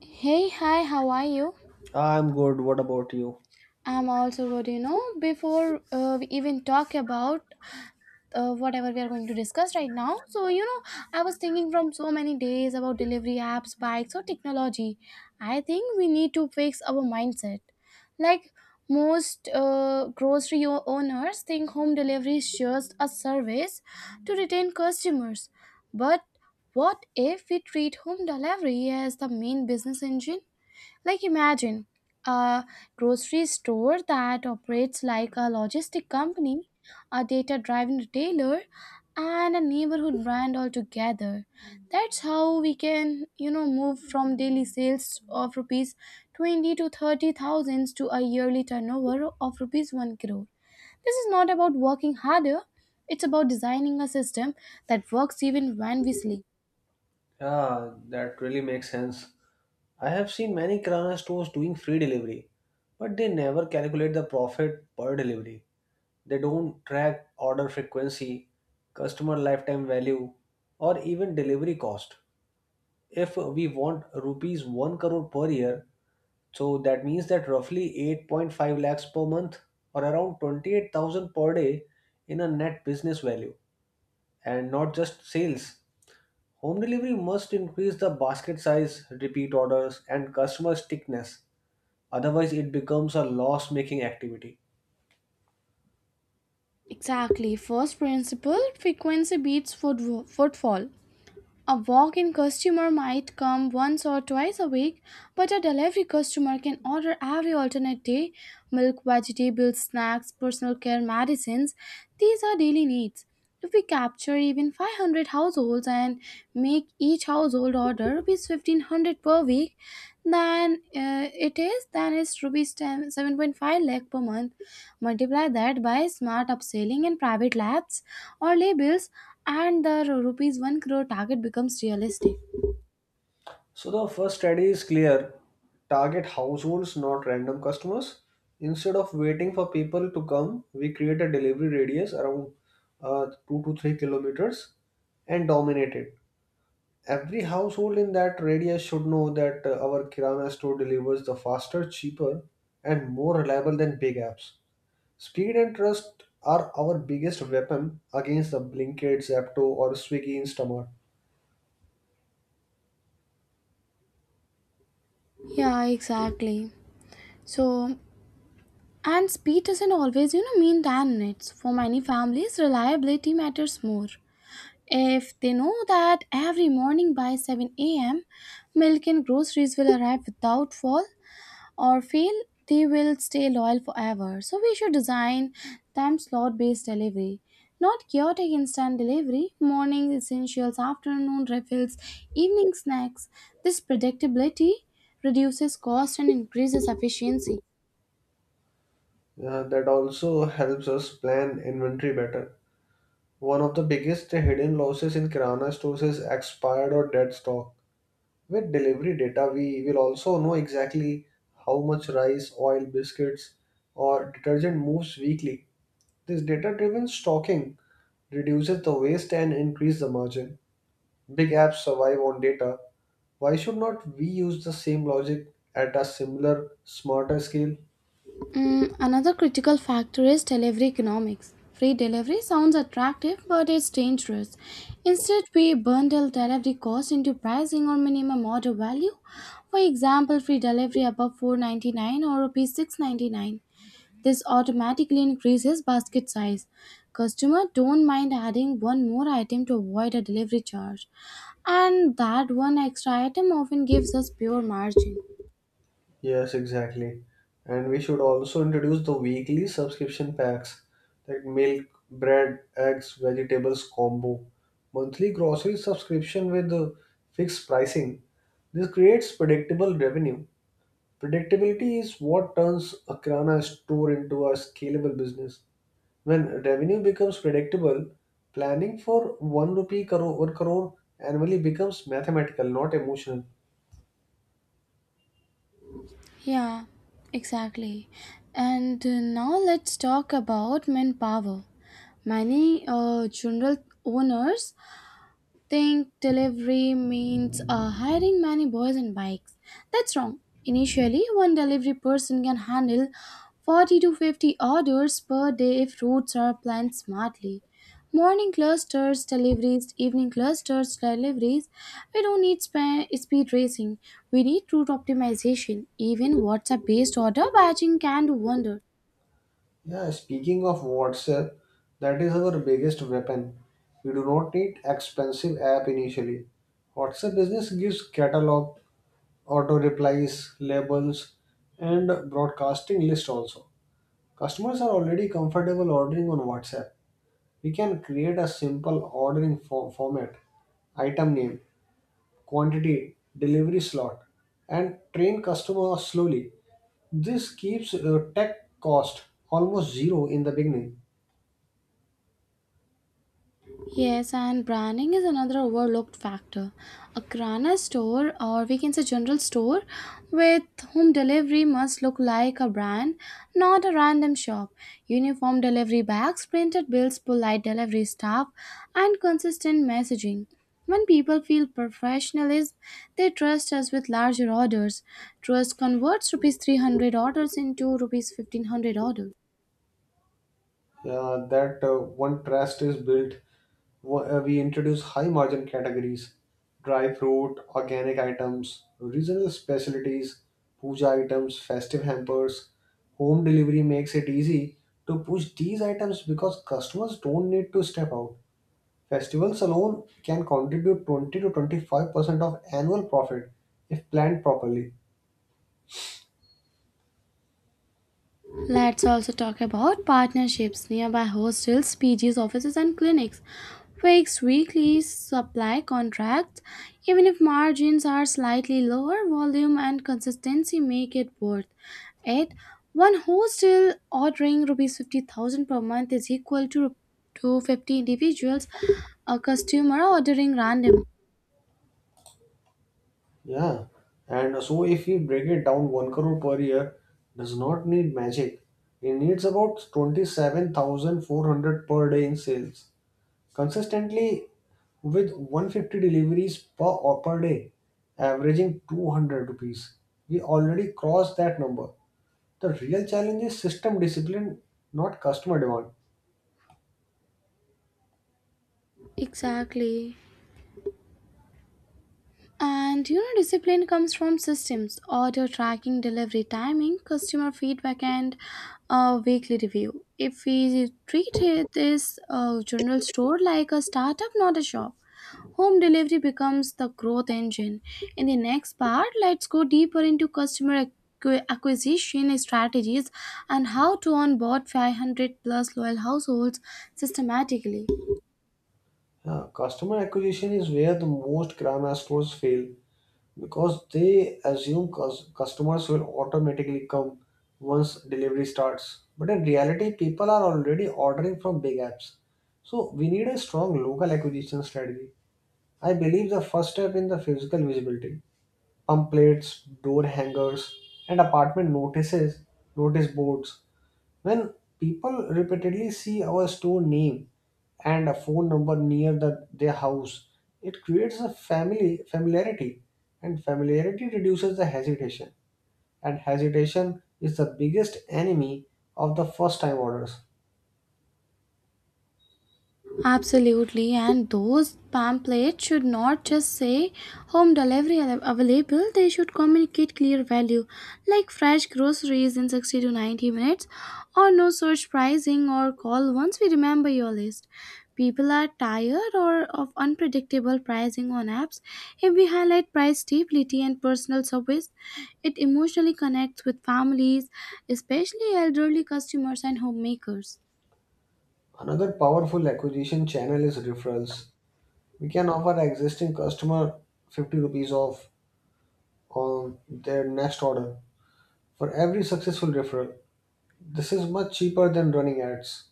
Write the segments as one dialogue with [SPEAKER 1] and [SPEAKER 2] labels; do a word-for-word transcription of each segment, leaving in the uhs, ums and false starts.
[SPEAKER 1] Hey, hi, how are you?
[SPEAKER 2] I'm good. What about you?
[SPEAKER 1] I'm also good, you know. Before uh, we even talk about uh, whatever we are going to discuss right now, so you know, I was thinking from so many days about delivery apps, bikes, or technology. I think we need to fix our mindset. Like most uh, grocery o- owners think home delivery is just a service to retain customers. But what if we treat home delivery as the main business engine? Like imagine a grocery store that operates like a logistic company, a data-driven retailer, and a neighborhood brand all together. That's how we can, you know, move from daily sales of rupees twenty to thirty thousands to a yearly turnover of rupees one crore. This is not about working harder, it's about designing a system that works even when we sleep.
[SPEAKER 2] Yeah, that really makes sense. I have seen many Kirana stores doing free delivery, but they never calculate the profit per delivery. They don't track order frequency, customer lifetime value, or even delivery cost. If we want rupees one crore per year, so that means that roughly eight point five lakhs per month or around twenty-eight thousand per day in a net business value and not just sales. Home delivery must increase the basket size, repeat orders, and customer stickiness. Otherwise, it becomes a loss making activity.
[SPEAKER 1] Exactly. First principle frequency beats foot- footfall. A walk in customer might come once or twice a week, but a delivery customer can order every alternate day milk, vegetables, snacks, personal care, medicines. These are daily needs. If we capture even five hundred households and make each household order rupees fifteen hundred per week, then uh, it is then it's rupees ten seven point five lakh per month. Multiply that by smart upselling in private labs or labels, and the ru- rupees one crore target becomes realistic.
[SPEAKER 2] So, the first strategy is clear target households, not random customers. Instead of waiting for people to come, we create a delivery radius around uh, two to three kilometers and dominate it. Every household in that radius should know that uh, our Kirana store delivers the faster, cheaper, and more reliable than big apps. Speed and trust are our biggest weapon against the Blinkit, Zapto, or Swiggy Instamart.
[SPEAKER 1] Yeah, exactly. So, and speed doesn't always, you know, mean ten minutes. For many families, reliability matters more. If they know that every morning by seven a m, milk and groceries will arrive without fault, or feel they will stay loyal forever. So we should design time slot based delivery, not chaotic instant delivery, morning essentials, afternoon refills, evening snacks. This predictability reduces cost and increases efficiency.
[SPEAKER 2] Uh, that also helps us plan inventory better. One of the biggest hidden losses in Kirana stores is expired or dead stock. With delivery data, we will also know exactly how much rice, oil, biscuits, or detergent moves weekly. This data driven stocking reduces the waste and increases the margin. Big apps survive on data. Why should not we use the same logic at a similar, smarter scale?
[SPEAKER 1] Mm, another critical factor is delivery economics. Free delivery sounds attractive, but it's dangerous. Instead, we bundle delivery costs into pricing or minimum order value. For example, free delivery above four point nine nine or rupees six point nine nine. This automatically increases basket size. Customers don't mind adding one more item to avoid a delivery charge, and that one extra item often gives us pure margin.
[SPEAKER 2] Yes, exactly. And we should also introduce the weekly subscription packs like milk, bread, eggs, vegetables combo, monthly grocery subscription with uh, fixed pricing. This creates predictable revenue. Predictability is what turns a Kirana store into a scalable business. When revenue becomes predictable, planning for one rupee crore, one crore annually becomes mathematical, not emotional.
[SPEAKER 1] Yeah, exactly. And uh, now let's talk about manpower. Many uh, general owners think delivery means uh, hiring many boys and bikes. That's wrong. Initially, one delivery person can handle forty to fifty orders per day if routes are planned smartly. Morning clusters, deliveries, evening clusters, deliveries. We don't need spa- speed racing. We need route optimization. Even WhatsApp based order batching can do wonders.
[SPEAKER 2] Yeah, speaking of WhatsApp, that is our biggest weapon. We do not need expensive app initially. WhatsApp business gives catalog, auto replies, labels, and broadcasting list also. Customers are already comfortable ordering on WhatsApp. We can create a simple ordering fo- format, item name, quantity, delivery slot, and train customers slowly. This keeps uh, tech cost almost zero in the beginning.
[SPEAKER 1] Yes, and branding is another overlooked factor. A Krana store, or we can say general store, with home delivery must look like a brand, not a random shop. Uniform delivery bags, printed bills, polite delivery staff, and consistent messaging. When people feel professionalism, they trust us with larger orders. Trust converts rupees three hundred orders into rupees fifteen hundred orders.
[SPEAKER 2] Uh, that uh, one trust is built. Wh- uh, We introduce high margin categories, dry fruit, organic items, regional specialties, puja items, festive hampers. Home delivery makes it easy to push these items because customers don't need to step out. Festivals alone can contribute twenty to twenty-five percent of annual profit if planned properly.
[SPEAKER 1] Let's also talk about partnerships nearby hostels, P Gs, offices, and clinics. Fixed weekly supply contracts, even if margins are slightly lower, volume and consistency make it worth it. One hostel ordering rupees fifty thousand per month is equal to, rup- to fifty individuals, a customer ordering random.
[SPEAKER 2] Yeah, and so if we break it down, one crore per year does not need magic. It needs about twenty-seven thousand four hundred per day in sales consistently with one hundred fifty deliveries per or per day, averaging two hundred rupees. We already crossed that number. The real challenge is system discipline, not customer demand.
[SPEAKER 1] Exactly. And you know, discipline comes from systems, order tracking, delivery timing, customer feedback, and a weekly review. If we treat it, this uh, general store like a startup, not a shop, home delivery becomes the growth engine. In the next part, let's go deeper into customer acqui- acquisition strategies and how to onboard five hundred plus loyal households systematically.
[SPEAKER 2] Yeah, customer acquisition is where the most grammar stores fail because they assume cus- customers will automatically come once delivery starts. But in reality, people are already ordering from big apps. So we need a strong local acquisition strategy. I believe the first step in the physical visibility, pamphlets, door hangers, and apartment notices, notice boards, when people repeatedly see our store name and a phone number near the, their house, it creates a family familiarity, and familiarity reduces the hesitation. And hesitation is the biggest enemy of the first time orders.
[SPEAKER 1] Absolutely, and those pamphlets should not just say home delivery av- available, they should communicate clear value like fresh groceries in sixty to ninety minutes, or no search pricing, or call once we remember your list. People are tired or of unpredictable pricing on apps. If we highlight price stability and personal service, it emotionally connects with families, especially elderly customers and homemakers.
[SPEAKER 2] Another powerful acquisition channel is referrals. We can offer existing customer fifty rupees off on their next order for every successful referral. This is much cheaper than running ads.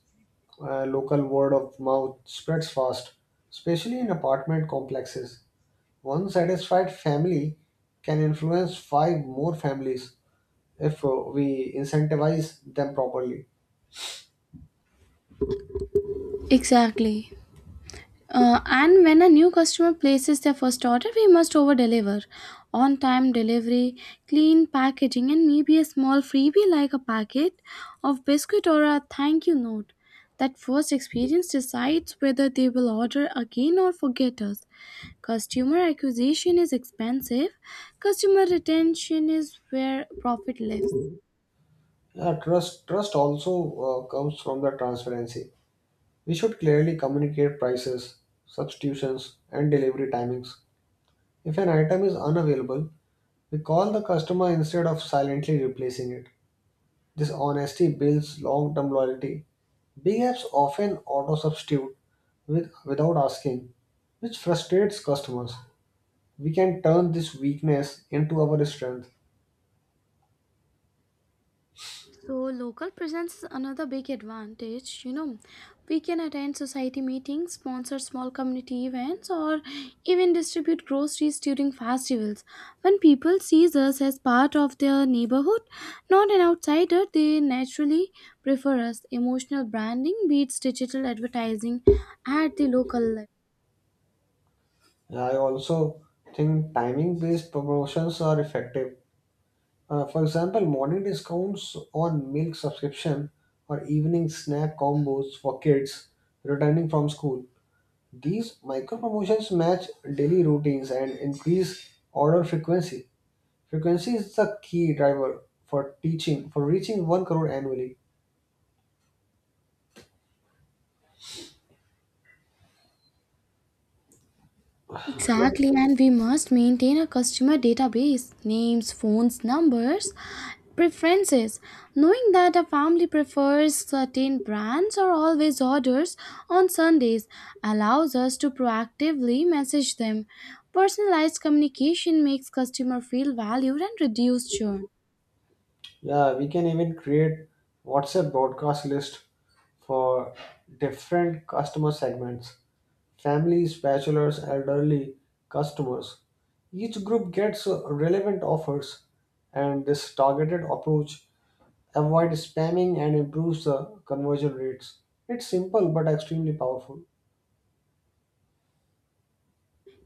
[SPEAKER 2] uh, Local word of mouth spreads fast, especially in apartment complexes. One satisfied family can influence five more families if uh, we incentivize them properly.
[SPEAKER 1] Exactly. Uh, and when a new customer places their first order, we must over deliver. On time delivery, clean packaging, and maybe a small freebie like a packet of biscuit or a thank you note. That first experience decides whether they will order again or forget us. Customer acquisition is expensive, customer retention is where profit lives.
[SPEAKER 2] Uh, trust trust also uh, comes from the transparency. We should clearly communicate prices, substitutions, and delivery timings. If an item is unavailable, we call the customer instead of silently replacing it. This honesty builds long term loyalty. Big apps often auto substitute with, without asking, which frustrates customers. We can turn this weakness into our strength.
[SPEAKER 1] So, local presence is another big advantage. You know, we can attend society meetings, sponsor small community events, or even distribute groceries during festivals. When people see us as part of their neighborhood, not an outsider, they naturally prefer us. Emotional branding beats digital advertising at the local level.
[SPEAKER 2] I also think timing based promotions are effective. Uh, for example, morning discounts on milk subscription or evening snack combos for kids returning from school. These micro promotions match daily routines and increase order frequency. Frequency is the key driver for teaching for reaching one crore annually. What?
[SPEAKER 1] Exactly, and we must maintain a customer database, names, phones, numbers, preferences. Knowing that a family prefers certain brands or always orders on Sundays allows us to proactively message them. Personalized communication makes customer feel valued and reduce churn.
[SPEAKER 2] Yeah, we can even create WhatsApp broadcast list for different customer segments, families, bachelors, elderly customers. Each group gets uh, relevant offers, and this targeted approach avoids spamming and improves the conversion rates. It's simple but extremely powerful.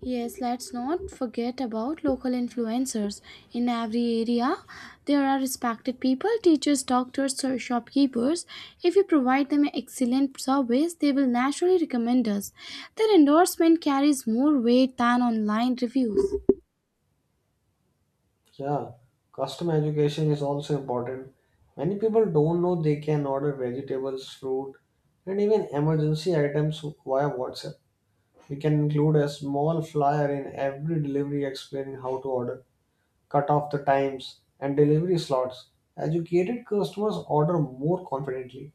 [SPEAKER 1] Yes, let's not forget about local influencers. In every area, there are respected people, teachers, doctors, or shopkeepers. If we provide them excellent service, they will naturally recommend us. Their endorsement carries more weight than online reviews.
[SPEAKER 2] Yeah, customer education is also important. Many people don't know they can order vegetables, fruit, and even emergency items via WhatsApp. We can include a small flyer in every delivery explaining how to order, cut off the times, and delivery slots. Educated customers order more confidently.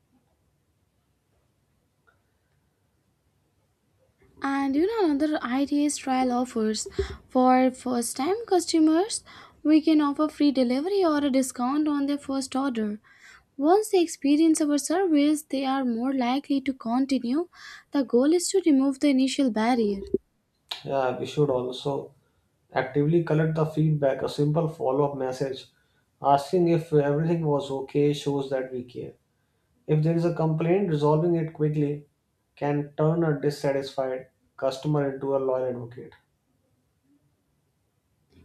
[SPEAKER 1] And you know, another idea is trial offers. For first time customers, we can offer free delivery or a discount on their first order. Once they experience our service, they are more likely to continue. The goal is to remove the initial barrier.
[SPEAKER 2] Yeah, we should also actively collect the feedback. A simple follow up message asking if everything was okay shows that we care. If there is a complaint, resolving it quickly can turn a dissatisfied customer into a loyal advocate.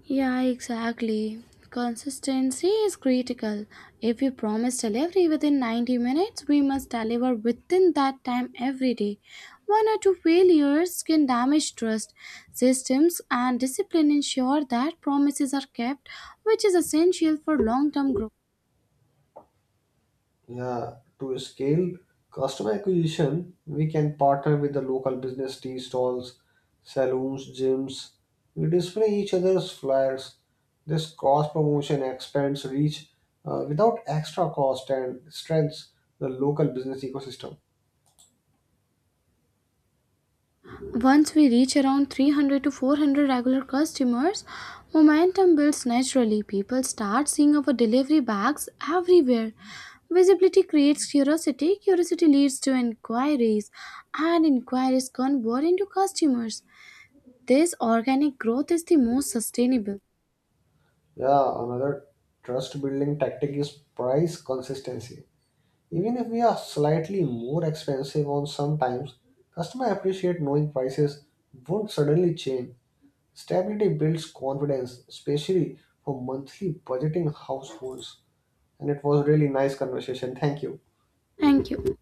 [SPEAKER 1] Yeah, exactly. Consistency is critical. If we promise delivery within ninety minutes, we must deliver within that time every day. One or two failures can damage trust. Systems and discipline ensure that promises are kept, which is essential for long term growth.
[SPEAKER 2] Yeah, to scale customer acquisition, we can partner with the local business tea stalls, saloons, gyms. We display each other's flyers. This cross promotion expands reach uh, without extra cost and strengthens the local business ecosystem.
[SPEAKER 1] Once we reach around three hundred to four hundred regular customers, momentum builds naturally. People start seeing our delivery bags everywhere. Visibility creates curiosity, curiosity leads to inquiries, and inquiries convert into customers. This organic growth is the most sustainable.
[SPEAKER 2] Yeah, another trust building tactic is price consistency. Even if we are slightly more expensive on some times, customer appreciate knowing prices won't suddenly change. Stability builds confidence, especially for monthly budgeting households. And it was a really nice conversation. Thank you.
[SPEAKER 1] Thank you.